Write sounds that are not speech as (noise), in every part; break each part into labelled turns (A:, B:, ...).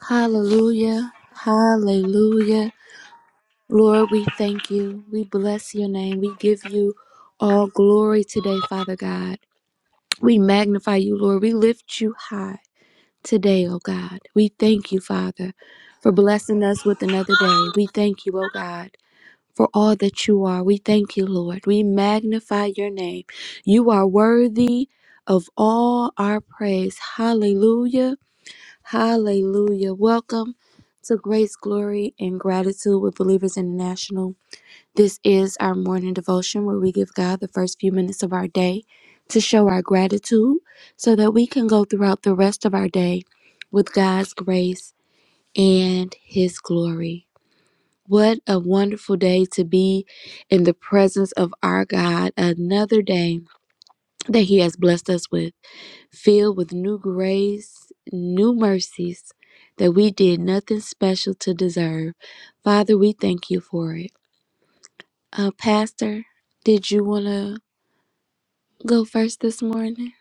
A: Hallelujah. Hallelujah. Lord, we thank you. We bless your name. We give you all glory today, Father God. We magnify you, Lord. We lift you high today, oh God. We thank you, Father, for blessing us with another day. We thank you, oh God. For all that you are, we thank you, Lord. We magnify your name. You are worthy of all our praise. Hallelujah. Hallelujah. Welcome to Grace, Glory, and Gratitude with Believers International. This is our morning devotion where we give God the first few minutes of our day to show our gratitude so that we can go throughout the rest of our day with God's grace and His glory. What a wonderful day to be in the presence of our God, another day that He has blessed us with filled with new grace, new mercies that we did nothing special to deserve. Father, we thank you for it. Uh, Pastor, did you want to go first this morning?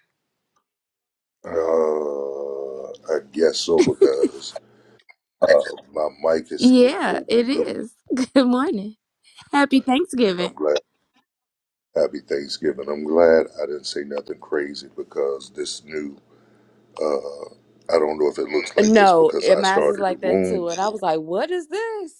A: Yeah, it is. (laughs) Good morning. Happy Thanksgiving. No, it mine is like that too. And I was like, what is this?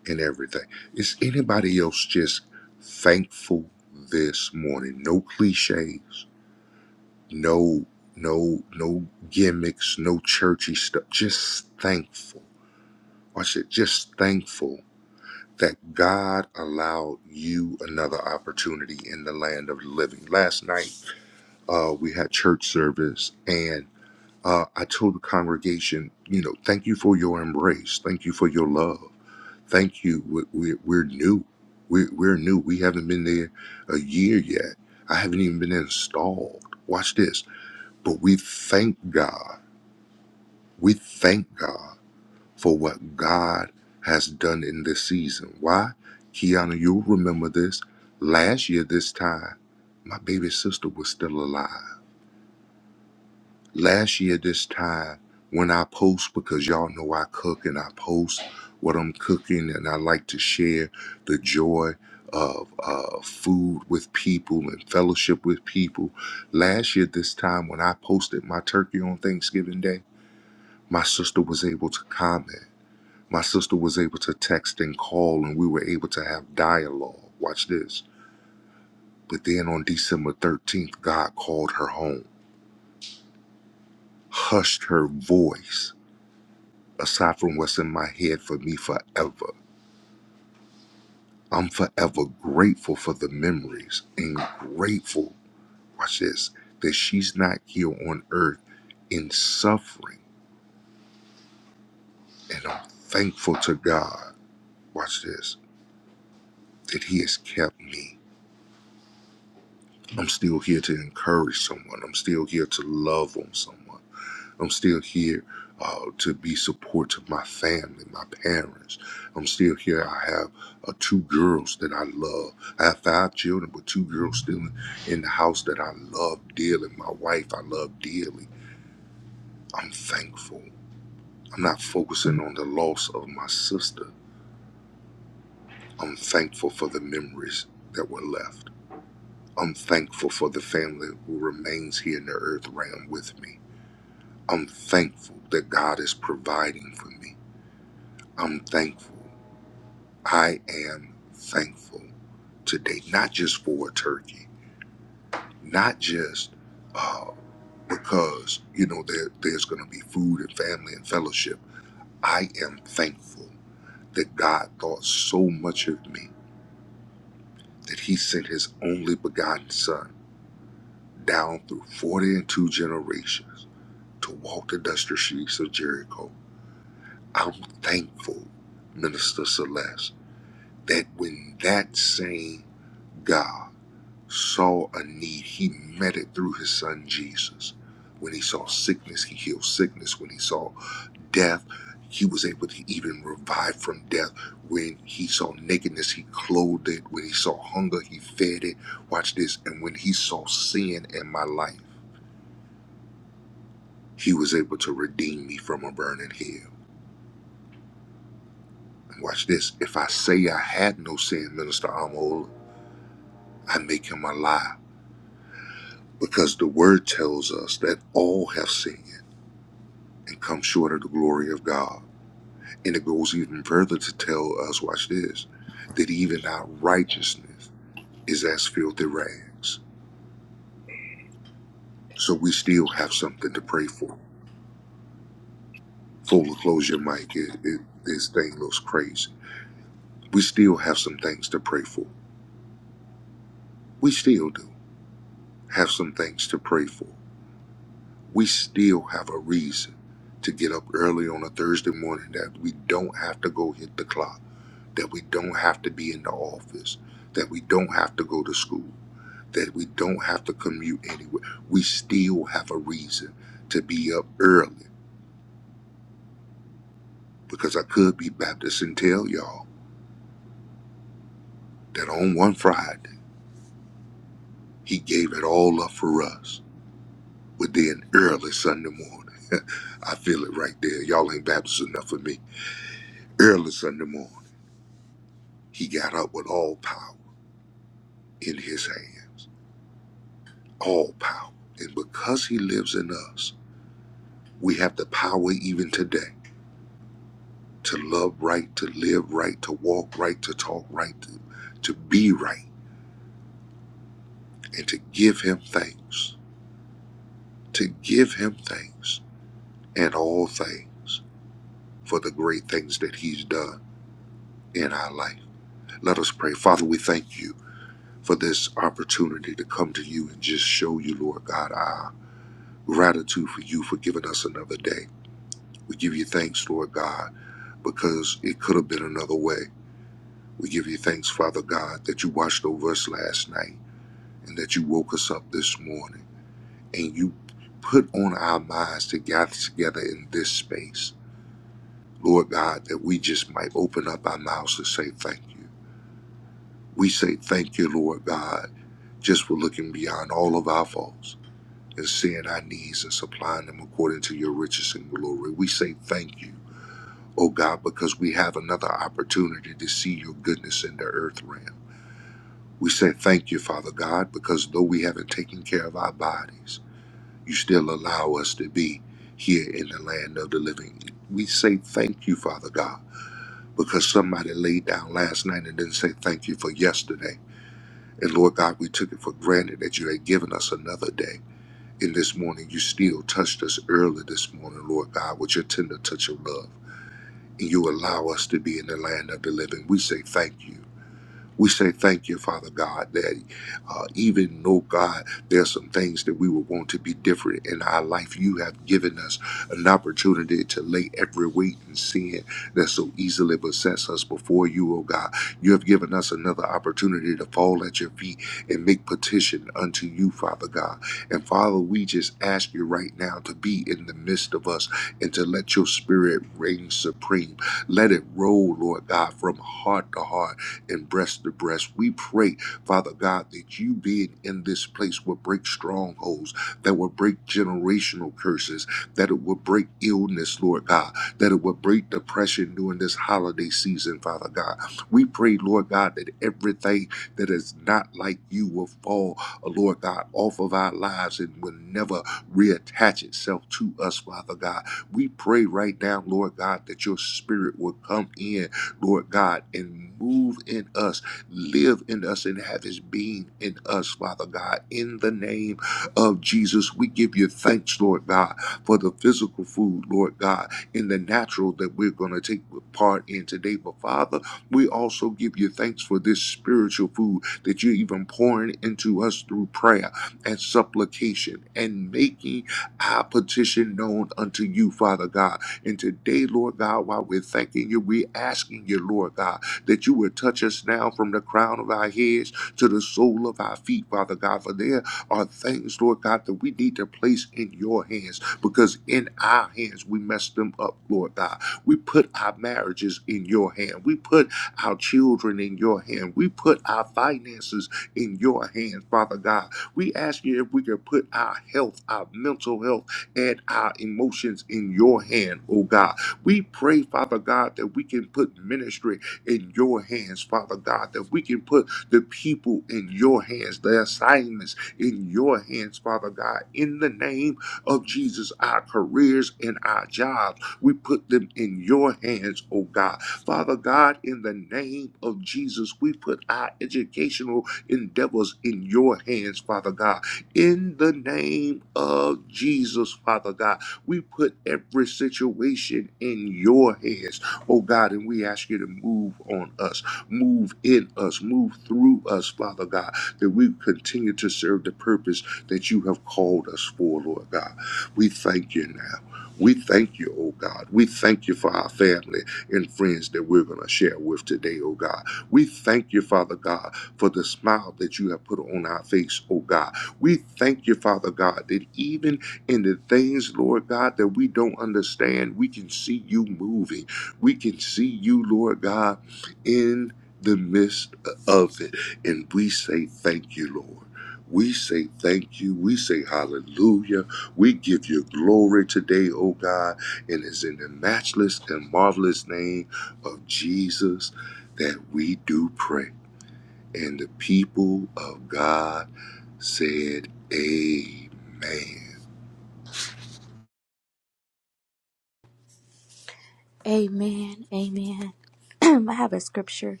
A: Amen. Amen. (clears throat) I have a scripture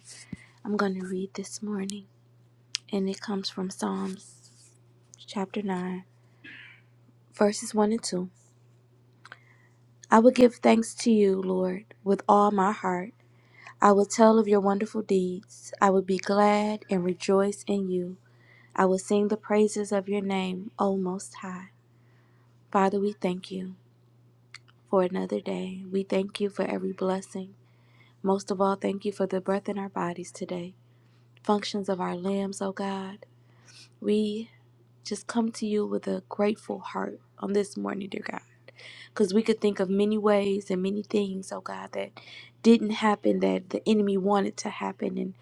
A: I'm going to read this morning, and it comes from Psalms chapter 9, verses 1 and 2. I will give thanks to you, Lord, with all my heart. I will tell of your wonderful deeds. I will be glad and rejoice in you. I will sing the praises of your name, O Most High. Father, we thank you for another day. We thank you for every blessing. Most of all, thank you for the breath in our bodies today, functions of our limbs, O God. We just come to you with a grateful heart on this morning, dear God. Because we could think of many ways and many things, oh God, that didn't happen that the enemy wanted to happen. And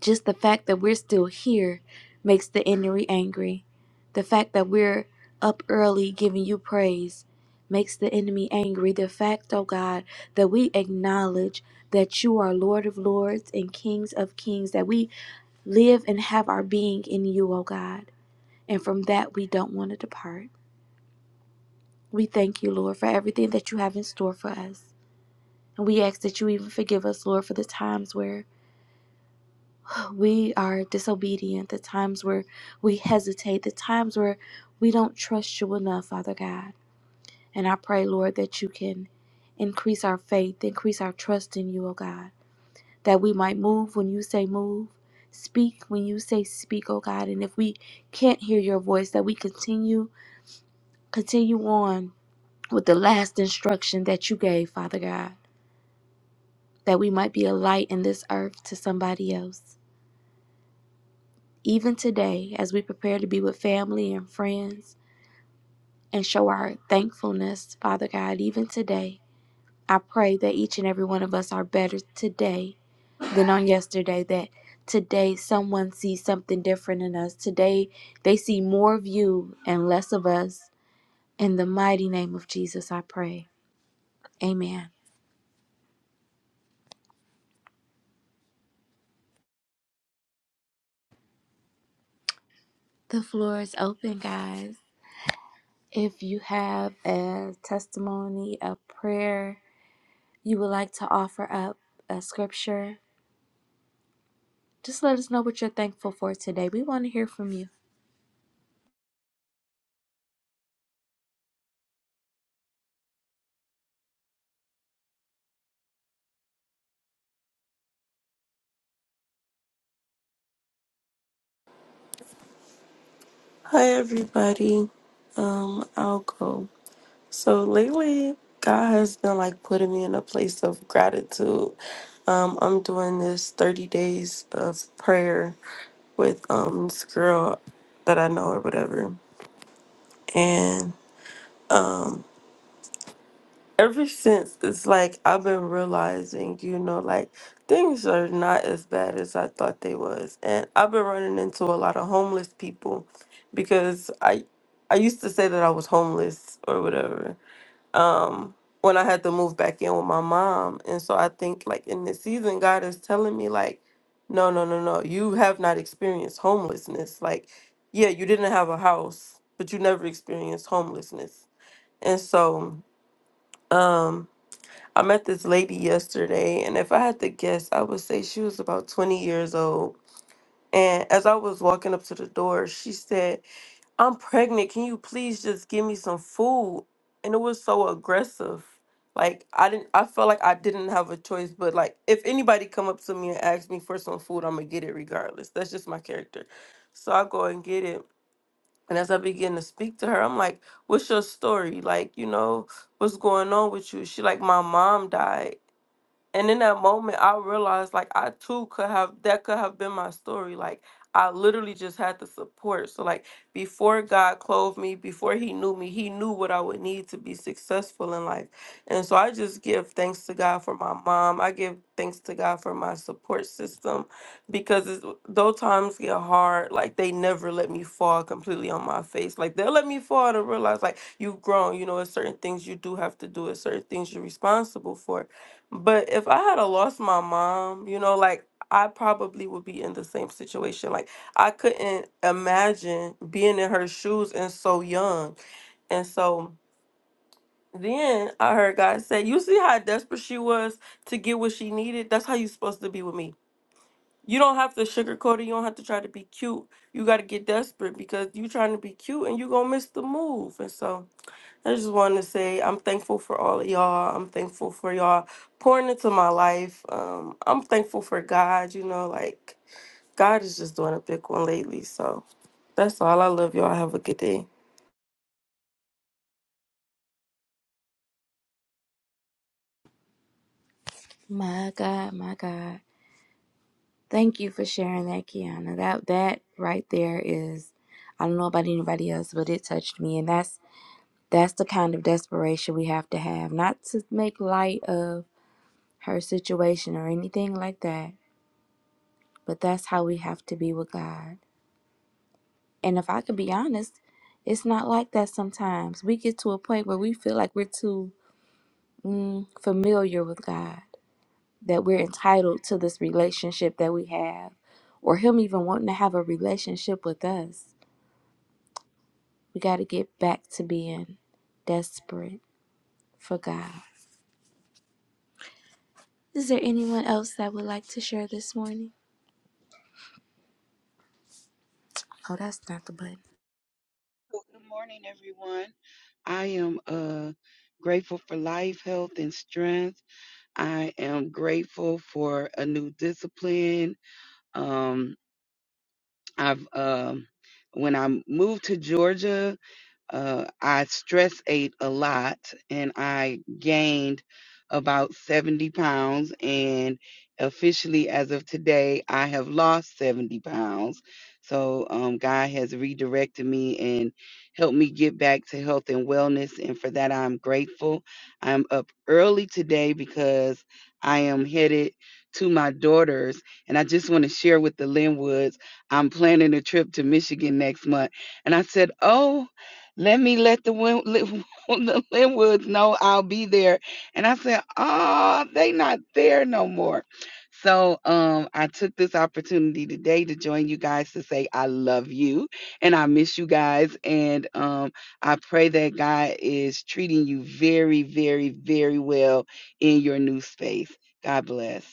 A: just the fact that we're still here makes the enemy angry. The fact that we're up early giving you praise makes the enemy angry. The fact, oh God, that we acknowledge that you are Lord of lords and Kings of kings, that we live and have our being in you, oh God. And from that, we don't want to depart. We thank you, Lord, for everything that you have in store for us. And we ask that you even forgive us, Lord, for the times where we are disobedient, the times where we hesitate, the times where we don't trust you enough, Father God. And I pray, Lord, that you can increase our faith, increase our trust in you, O God, that we might move when you say move, speak when you say speak, O God. And if we can't hear your voice, that we continue, continue on with the last instruction that you gave, Father God, that we might be a light in this earth to somebody else. Even today, as we prepare to be with family and friends and show our thankfulness, Father God, even today, I pray that each and every one of us are better today than on yesterday, that today someone sees something different in us. Today, they see more of you and less of us. In the mighty name of Jesus, I pray. Amen. The floor is open, guys. If you have a testimony, a prayer you would like to offer up, a scripture, Just let us know what you're thankful for today. We want to hear from you.
B: Hi everybody. Um, I'll go. So lately, God has been like putting me in a place of gratitude. Um, I'm doing this 30 days of prayer with um this girl that I know or whatever, and um, ever since it's like I've been realizing, you know, like things are not as bad as I thought they was. And I've been running into a lot of homeless people because I I used to say that I was homeless or whatever. Um when I had to move back in with my mom. And so I think like in this season God is telling me like no, no, no, no. You have not experienced homelessness. Like yeah, you didn't have a house, but you never experienced homelessness. And so um I met this lady yesterday, and if I had to guess, I would say she was about 20 years old. And as I was walking up to the door, she said, I'm pregnant. Can you please just give me some food? And it was so aggressive. Like I didn't I felt like I didn't have a choice, but like if anybody come up to me and ask me for some food, I'm gonna get it regardless. That's just my character. So I go and get it. And as I begin to speak to her, I'm like, What's your story? Like, you know, what's going on with you? She like, My mom died and in that moment, I realized like I too could have that could have been my story. Like I literally just had the support. So like before God clothed me, before He knew me, He knew what I would need to be successful in life. And so I just give thanks to God for my mom. I give thanks to God for my support system, because it's, though times get hard, like they never let me fall completely on my face. Like they'll let me fall to realize like you've grown. You know, it's certain things you do have to do. It's certain things you're responsible for but if I had a lost my mom, you know, like I probably would be in the same situation. Like I couldn't imagine being in her shoes and so young. And so then I heard God say, You see how desperate she was to get what she needed? That's how you're supposed to be with me. You don't have to sugarcoat it. You don't have to try to be cute. You got to get desperate because you trying to be cute and you going to miss the move. And so. I just wanted to say I'm thankful for all of y'all. I'm thankful for y'all pouring into my life. Um, I'm thankful for God. You know, like God is just doing a big one lately. So that's all. I love y'all. Have a good day.
A: My God, my God. Thank you for sharing that, Kiana. That that right there is I don't know about anybody else, but it touched me. And that's that's the kind of desperation we have to have. Not to make light of her situation or anything like that, but that's how we have to be with God. And if I could be honest, it's not like that sometimes. We get to a point where we feel like we're too mm, familiar with God that we're entitled to this relationship that we have, or Him even wanting to have a relationship with us. We got to get back to being desperate for God. Is there anyone else that would like to share this morning? Oh, that's not the button.
C: Well, Good morning, everyone. I am uh, grateful for life, health, and strength. I am grateful for a new discipline. Um, I've um, when I moved to Georgia. Uh, I stress ate a lot and I gained about 70 pounds. And officially, as of today, I have lost 70 pounds. So, um, God has redirected me and helped me get back to health and wellness. And for that, I'm grateful. I'm up early today because I am headed to my daughter's. And I just want to share with the Linwoods, I'm planning a trip to Michigan next month. And I said, Oh, let me let the, Win- (laughs) the Linwoods know I'll be there. And I said, oh, they not there no more. So um, I took this opportunity today to join you guys to say I love you and I miss you guys. And um, I pray that God is treating you very, very, very well in your new space. God bless.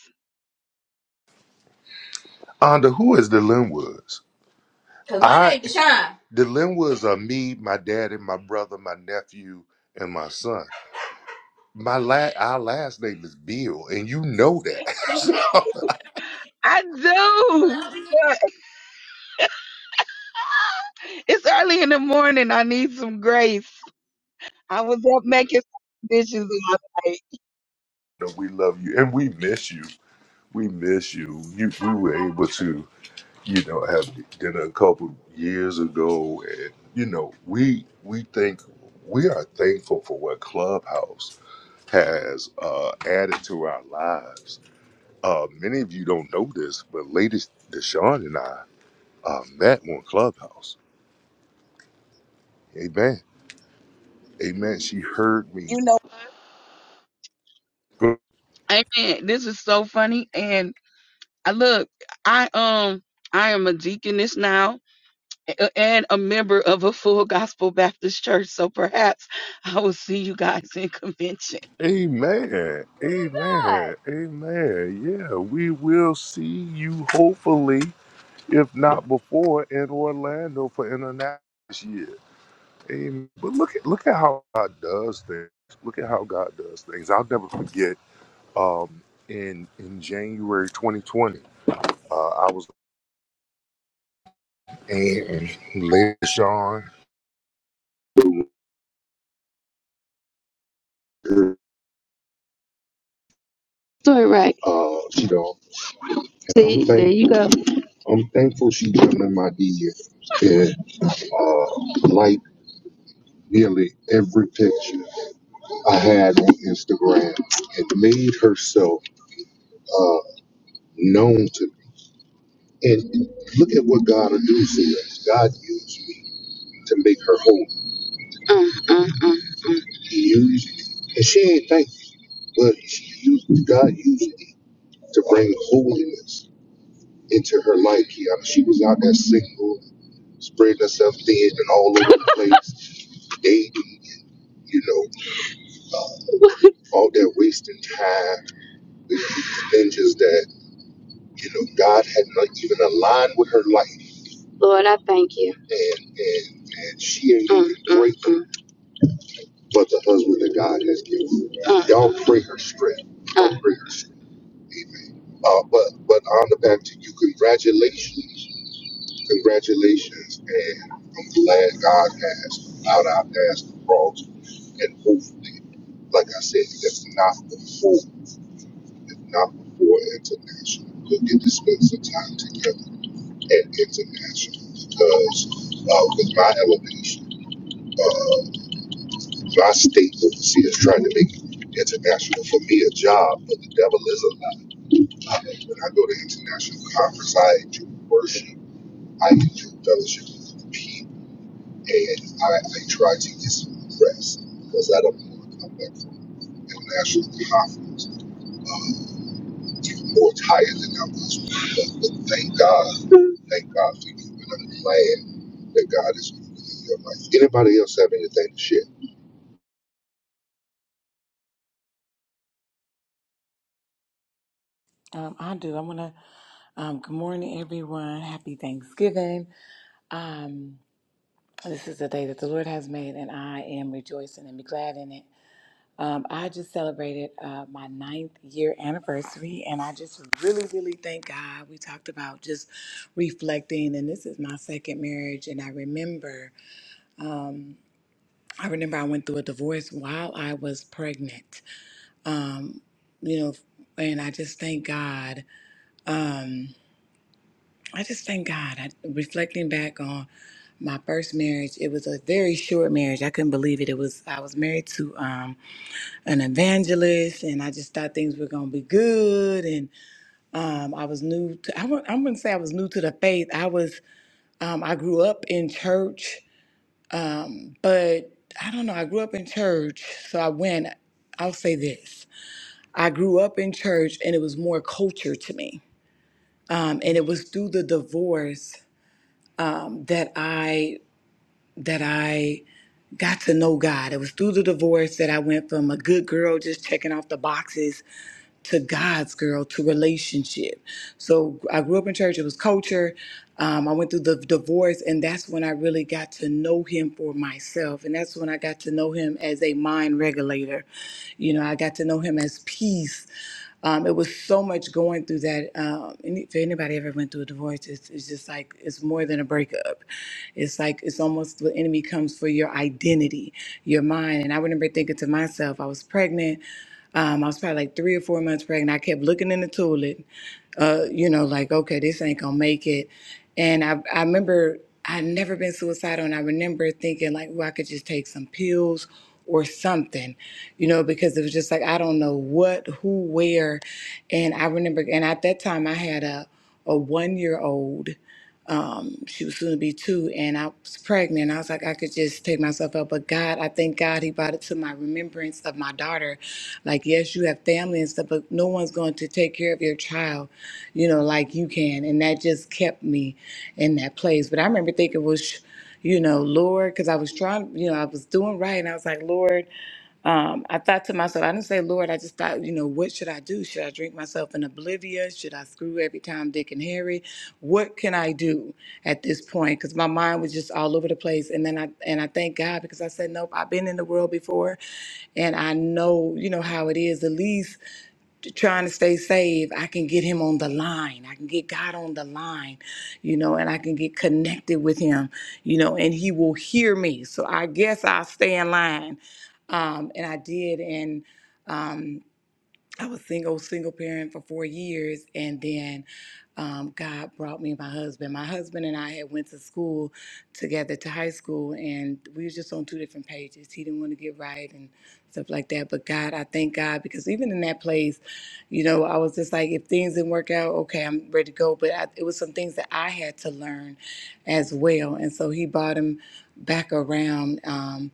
C: I do. But it's early in the morning. I need some grace. I was up making some dishes and I You know, Amen. This is so funny. And I look, I um I am a deaconess now a- and a member of a full gospel Baptist church. So perhaps I will see you guys in convention.
D: Doing right. See, there you go. Mm, mm, mm. Lord, I thank you. And, Mm, mm, mm, mm, mm.
E: Um, I do. I want to. Um, good morning, everyone. Happy Thanksgiving. Um, this is the day that the Lord has made, and I am rejoicing and be glad in it. Um, I just celebrated uh, my ninth year anniversary, and I just really, really thank God. We talked about just reflecting, and this is my second marriage, and I remember, I remember I went through a divorce while I was pregnant. You know, and I just thank God I just thank God. I, reflecting back on my first marriage, it was a very short marriage. I couldn't believe it. It was I was married to um, an evangelist, and I just thought things were gonna be good. And um, I was new. To, I wouldn't, I wouldn't say I was new to the faith. I was. Um, I grew up in church, but I don't know. I grew up in church, so I went. I'll say this. I grew up in church and it was more culture to me. Um, and it was through the divorce that I that I got to know God. It was through the divorce that I went from a good girl just checking off the boxes to God's girl to relationship. So I grew up in church, it was culture. Um, I went through the divorce, and that's when I really got to know him for myself. And that's when I got to know him as a mind regulator. You know, I got to know him as peace. Um, it was so much going through that. Um, any, if anybody ever went through a divorce, it's, it's just like it's more than a breakup. It's like it's almost the enemy comes for your identity, your mind. And I remember thinking to myself, I was pregnant. Um, I was probably like three or four months pregnant. I kept looking in the toilet uh, you know, like, okay, this ain't gonna make it. And I, I remember I'd never been suicidal, and I remember thinking, like, well, I could just take some pills or something, you know, because it was just like, I don't know what, who, where. And I remember, and at that time, I had a, a one year old um, she was soon to be two, and I was pregnant. I was like, I could just take myself out, but God, I thank God He brought it to my remembrance of my daughter. Like, yes, you have family and stuff, but no one's going to take care of your child, you know, like you can. And that just kept me in that place. But I remember thinking, well, sh- you know, Lord, because I was trying, you know, I was doing right, and I was like, Lord um, I thought to myself, I didn't say, Lord, I just thought, you know, what should I do? Should I drink myself in oblivion? Should I screw every time Dick and Harry? What can I do at this point? Because my mind was just all over the place. And then I and I thank God because I said, nope, I've been in the world before, and I know, you know, how it is. At least trying to stay saved, I can get him on the line. I can get God on the line, you know, and I can get connected with him, you know, and he will hear me. So I guess I'll stay in line um, and I did. And um, I was single, single parent for four years, and then um, God brought me my husband. My husband and I had went to school together to high school, and we was just on two different pages. He didn't want to get right and stuff like that. But God, I thank God because even in that place, you know, I was just like, if things didn't work out, okay, I'm ready to go. But I, it was some things that I had to learn as well, and so He brought him back around. Um,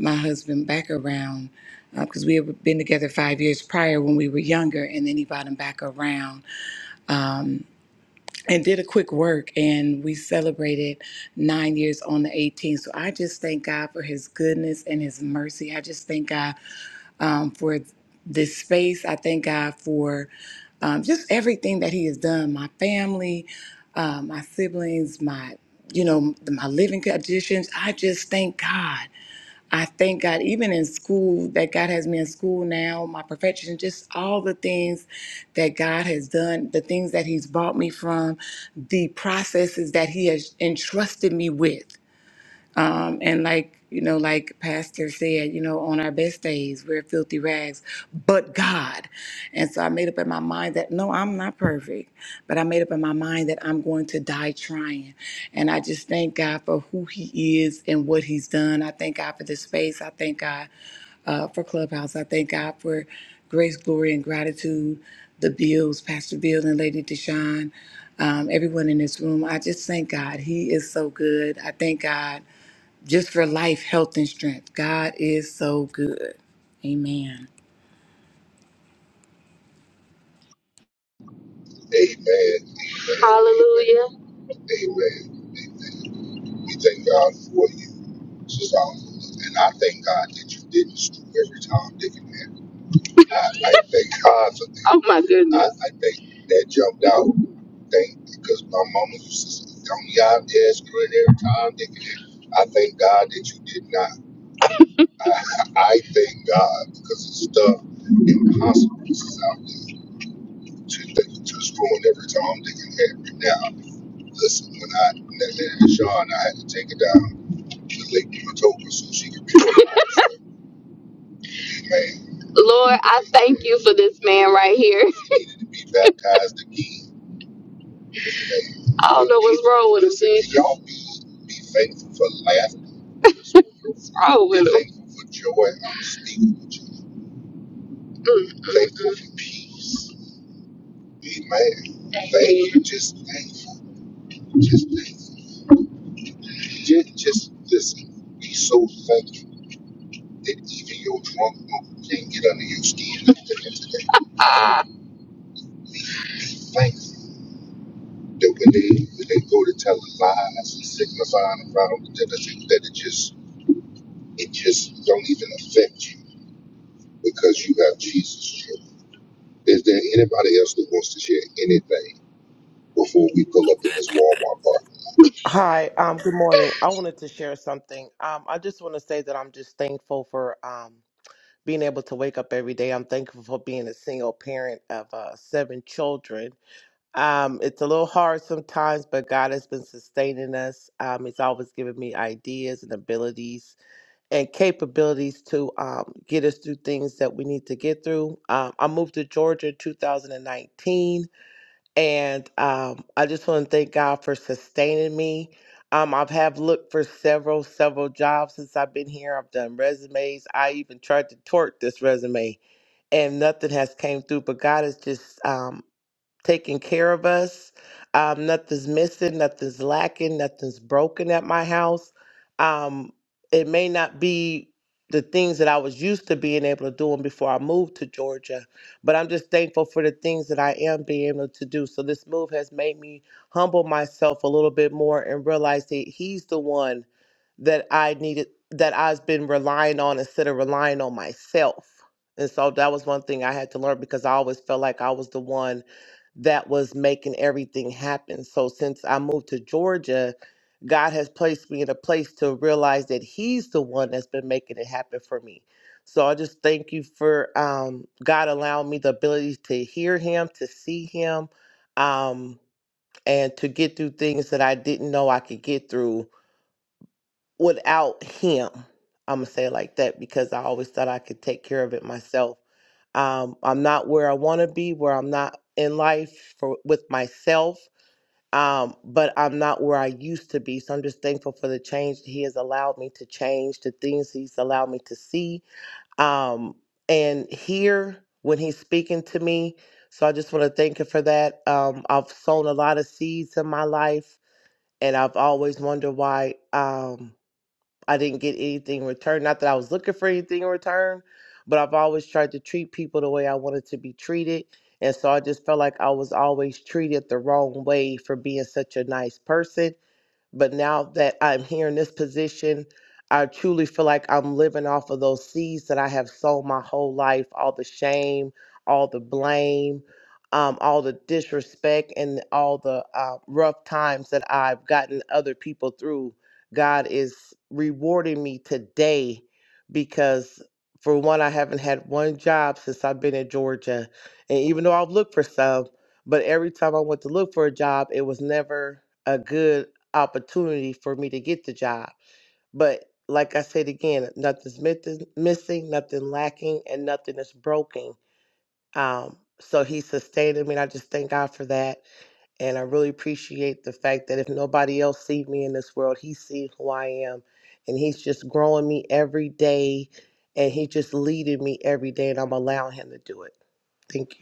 E: my husband back around because uh, we had been together five years prior when we were younger, and then he brought him back around and did a quick work, and we celebrated nine years on the 18th. So I just thank God for His goodness and His mercy. I just thank God um, for this space. I thank God for um, just everything that He has done. My family, uh, my siblings, my you know my living conditions. I just thank God. I thank God, even in school, that God has me in school now, my perfection, just all the things that God has done, the things that He's brought me from, the processes that He has entrusted me with. Um, and like you know, like Pastor said, you know, on our best days we're filthy rags, but God. And so I made up in my mind that no, I'm not perfect, but I made up in my mind that I'm going to die trying. And I just thank God for who He is and what He's done. I thank God for this space. I thank God uh, for Clubhouse. I thank God for grace, glory, and gratitude, the Bills, Pastor Bill and Lady Deshawn, um, everyone in this room. I just thank God. He is so good. I thank God just for life, health, and strength. God is so good. Amen.
D: Hallelujah. Oh my goodness. Lord, I thank you for this man right here. I don't know what's wrong with him, listen, What's wrong with him? thank
F: Hi, um, good morning. I wanted to share something. Um, I just want to say that I'm just thankful for um, being able to wake up every day. I'm thankful for being a single parent of uh, seven children. Um, it's a little hard sometimes, but God has been sustaining us. Um, he's always given me ideas and abilities and capabilities to um, get us through things that we need to get through. Um, I moved to Georgia in 2019 and um, I just want to thank God for sustaining me. Um, I've have looked for several several jobs since I've been here. I've done resumes. I even tried to tort this resume, and nothing has came through. But God has just um, taking care of us. Um, nothing's missing, nothing's lacking, nothing's broken at my house. Um, it may not be the things that I was used to being able to doing before I moved to Georgia, but I'm just thankful for the things that I am being able to do. So this move has made me humble myself a little bit more and realize that he's the one that I needed that I've been relying on instead of relying on myself. And so that was one thing I had to learn because I always felt like I was the one that was making everything happen. So since I moved to Georgia, God has placed me in a place to realize that He's the one that's been making it happen for me. So I just thank you for um, God allowing me the ability to hear Him, to see Him, um, and to get through things that I didn't know I could get through without Him. I'm gonna say it like that because I always thought I could take care of it myself. Um, I'm not where I want to be, where I'm not in life for with myself um, but I'm not where I used to be. So I'm just thankful for the change that He has allowed me to change, the things He's allowed me to see um, and hear when He's speaking to me. So I just want to thank Him for that. Um, I've sown a lot of seeds in my life, and I've always wondered why. Um, I didn't get anything in return. Not that I was looking for anything in return, but I've always tried to treat people the way I wanted to be treated. And so I just felt like I was always treated the wrong way for being such a nice person. But now that I'm here in this position, I truly feel like I'm living off of those seeds that I have sown my whole life all the shame, all the blame, um, all the disrespect, and all the uh, rough times that I've gotten other people through. God is rewarding me today because, for one, I haven't had one job since I've been in Georgia. And even though I've looked for some, but every time I went to look for a job, it was never a good opportunity for me to get the job. But like I said again, nothing's mit- missing, nothing lacking, and nothing is broken. Um, so he sustained me, and I just thank God for that. And I really appreciate the fact that if nobody else sees me in this world, he sees who I am, and he's just growing me every day, and he just leading me every day, and I'm allowing him to do it. Thank you.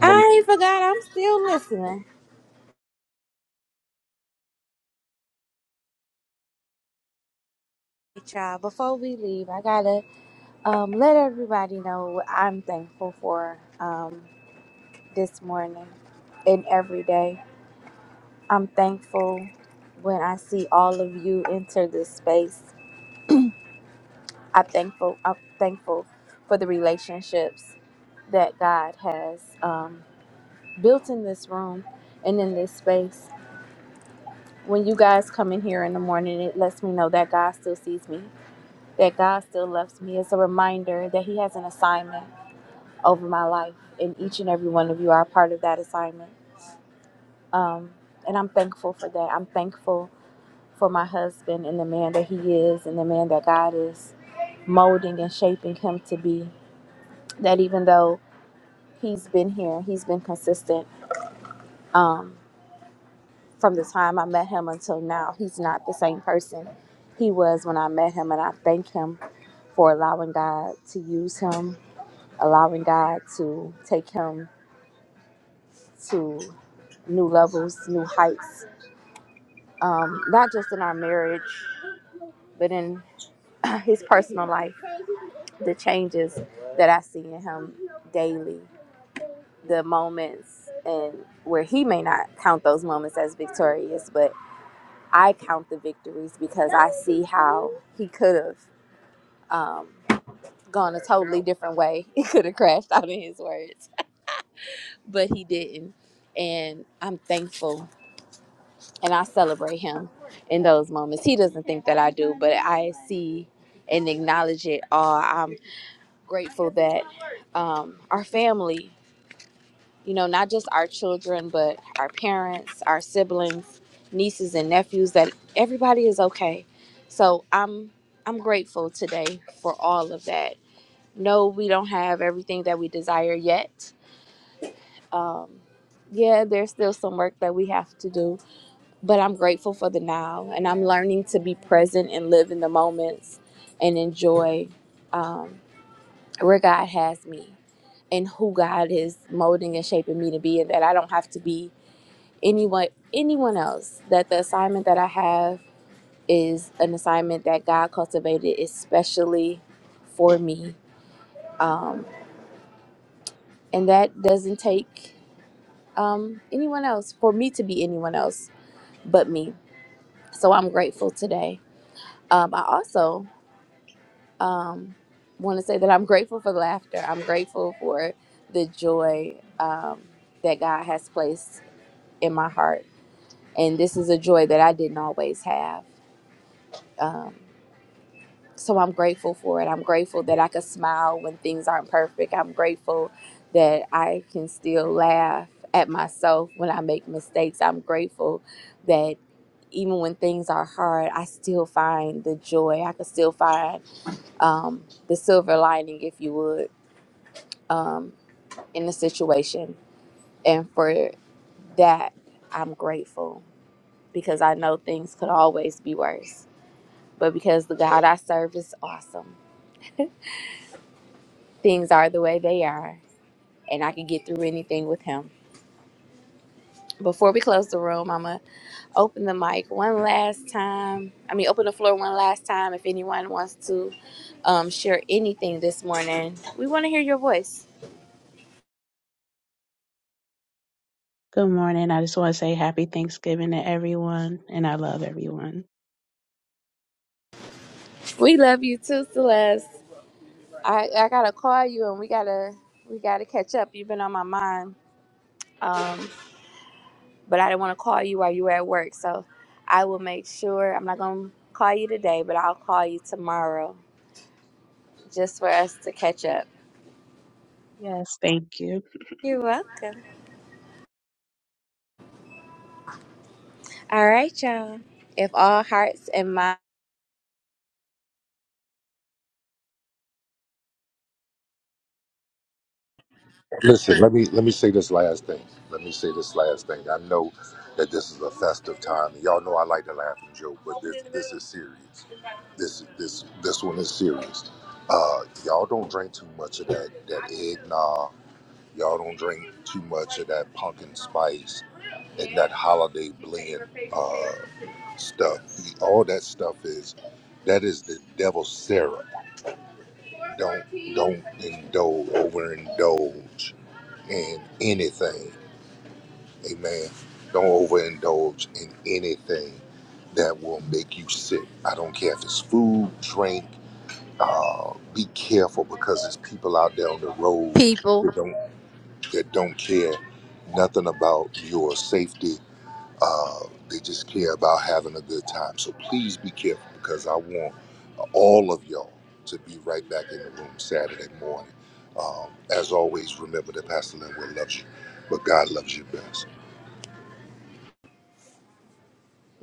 A: I ain't forgot. I'm still listening. Hey, y'all, before we leave, I got to um, let everybody know what I'm thankful for um, this morning and every day. I'm thankful when I see all of you enter this space. I'm thankful. I'm thankful for the relationships that God has um, built in this room and in this space. When you guys come in here in the morning, it lets me know that God still sees me, that God still loves me. It's a reminder that He has an assignment over my life, and each and every one of you are a part of that assignment. Um, and I'm thankful for that. I'm thankful for my husband and the man that he is and the man that God is molding and shaping him to be. That even though he's been here, he's been consistent um, from the time I met him until now, he's not the same person he was when I met him. And I thank him for allowing God to use him, allowing God to take him to new levels, new heights, um, not just in our marriage, but in (clears throat) his personal life the changes that I see in him daily, the moments and where he may not count those moments as victorious, but I count the victories because I see how he could have um, gone a totally different way. (laughs) He could have crashed out in his words, but he didn't. And I'm thankful and I celebrate him in those moments. He doesn't think that I do, but I see and acknowledge it all. I'm grateful that um, our family. you know, not just our children, but our parents, our siblings, nieces and nephews that everybody is okay. So I'm I'm grateful today for all of that. No, we don't have everything that we desire yet. Um yeah, there's still some work that we have to do, but I'm grateful for the now and I'm learning to be present and live in the moments and enjoy um, where God has me and who God is molding and shaping me to be, and that I don't have to be anyone anyone else that the assignment that I have is an assignment that God cultivated especially for me, um, and that doesn't take um, anyone else for me to be anyone else but me. So I'm grateful today. Um, I also um, want to say that I'm grateful for laughter. I'm grateful for the joy um, that God has placed in my heart, and this is a joy that I didn't always have. Um, So I'm grateful for it. I'm grateful that I can smile when things aren't perfect. I'm grateful that I can still laugh at myself when I make mistakes. I'm grateful that even when things are hard, I still find the joy. I can still find um, the silver lining, if you would, um, in the situation. And for that, I'm grateful because I know things could always be worse. But because the God I serve is awesome, things are the way they are and I can get through anything with him. Before we close the room, I'm going to open the mic one last time. I mean, open the floor one last time if anyone wants to um, share anything this morning. We want to hear your voice.
G: Good morning. I just want to say happy Thanksgiving to everyone, and I love everyone.
A: We love you too, Celeste. I, I got to call you and we got to we got to catch up. You've been on my mind. Um, but I didn't want to call you while you were at work. So I will make sure I'm not going to call you today, but I'll call you tomorrow just for us to catch up.
G: Yes, thank you.
A: You're welcome. All right, y'all. If all hearts and minds, people,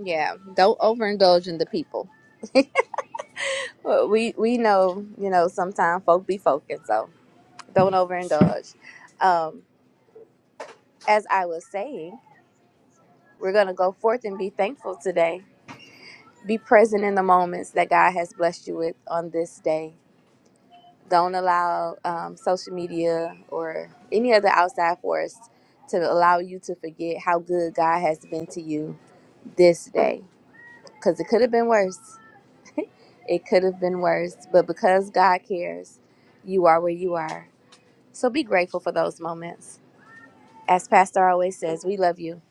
A: yeah, don't overindulge in the people. Well, We we know, you know, sometimes folk be folking, so don't overindulge. Um, as I was saying, we're gonna go forth and be thankful today. Be present in the moments that God has blessed you with on this day. Don't allow um, social media or any other outside force to allow you to forget how good God has been to you this day, because it could have been worse It could have been worse, but because God cares, you are where you are. So be grateful for those moments. As Pastor always says, we love you,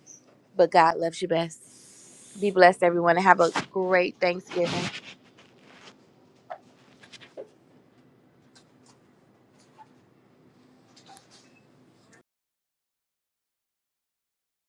A: but God loves you best. Be blessed, everyone, and have a great Thanksgiving.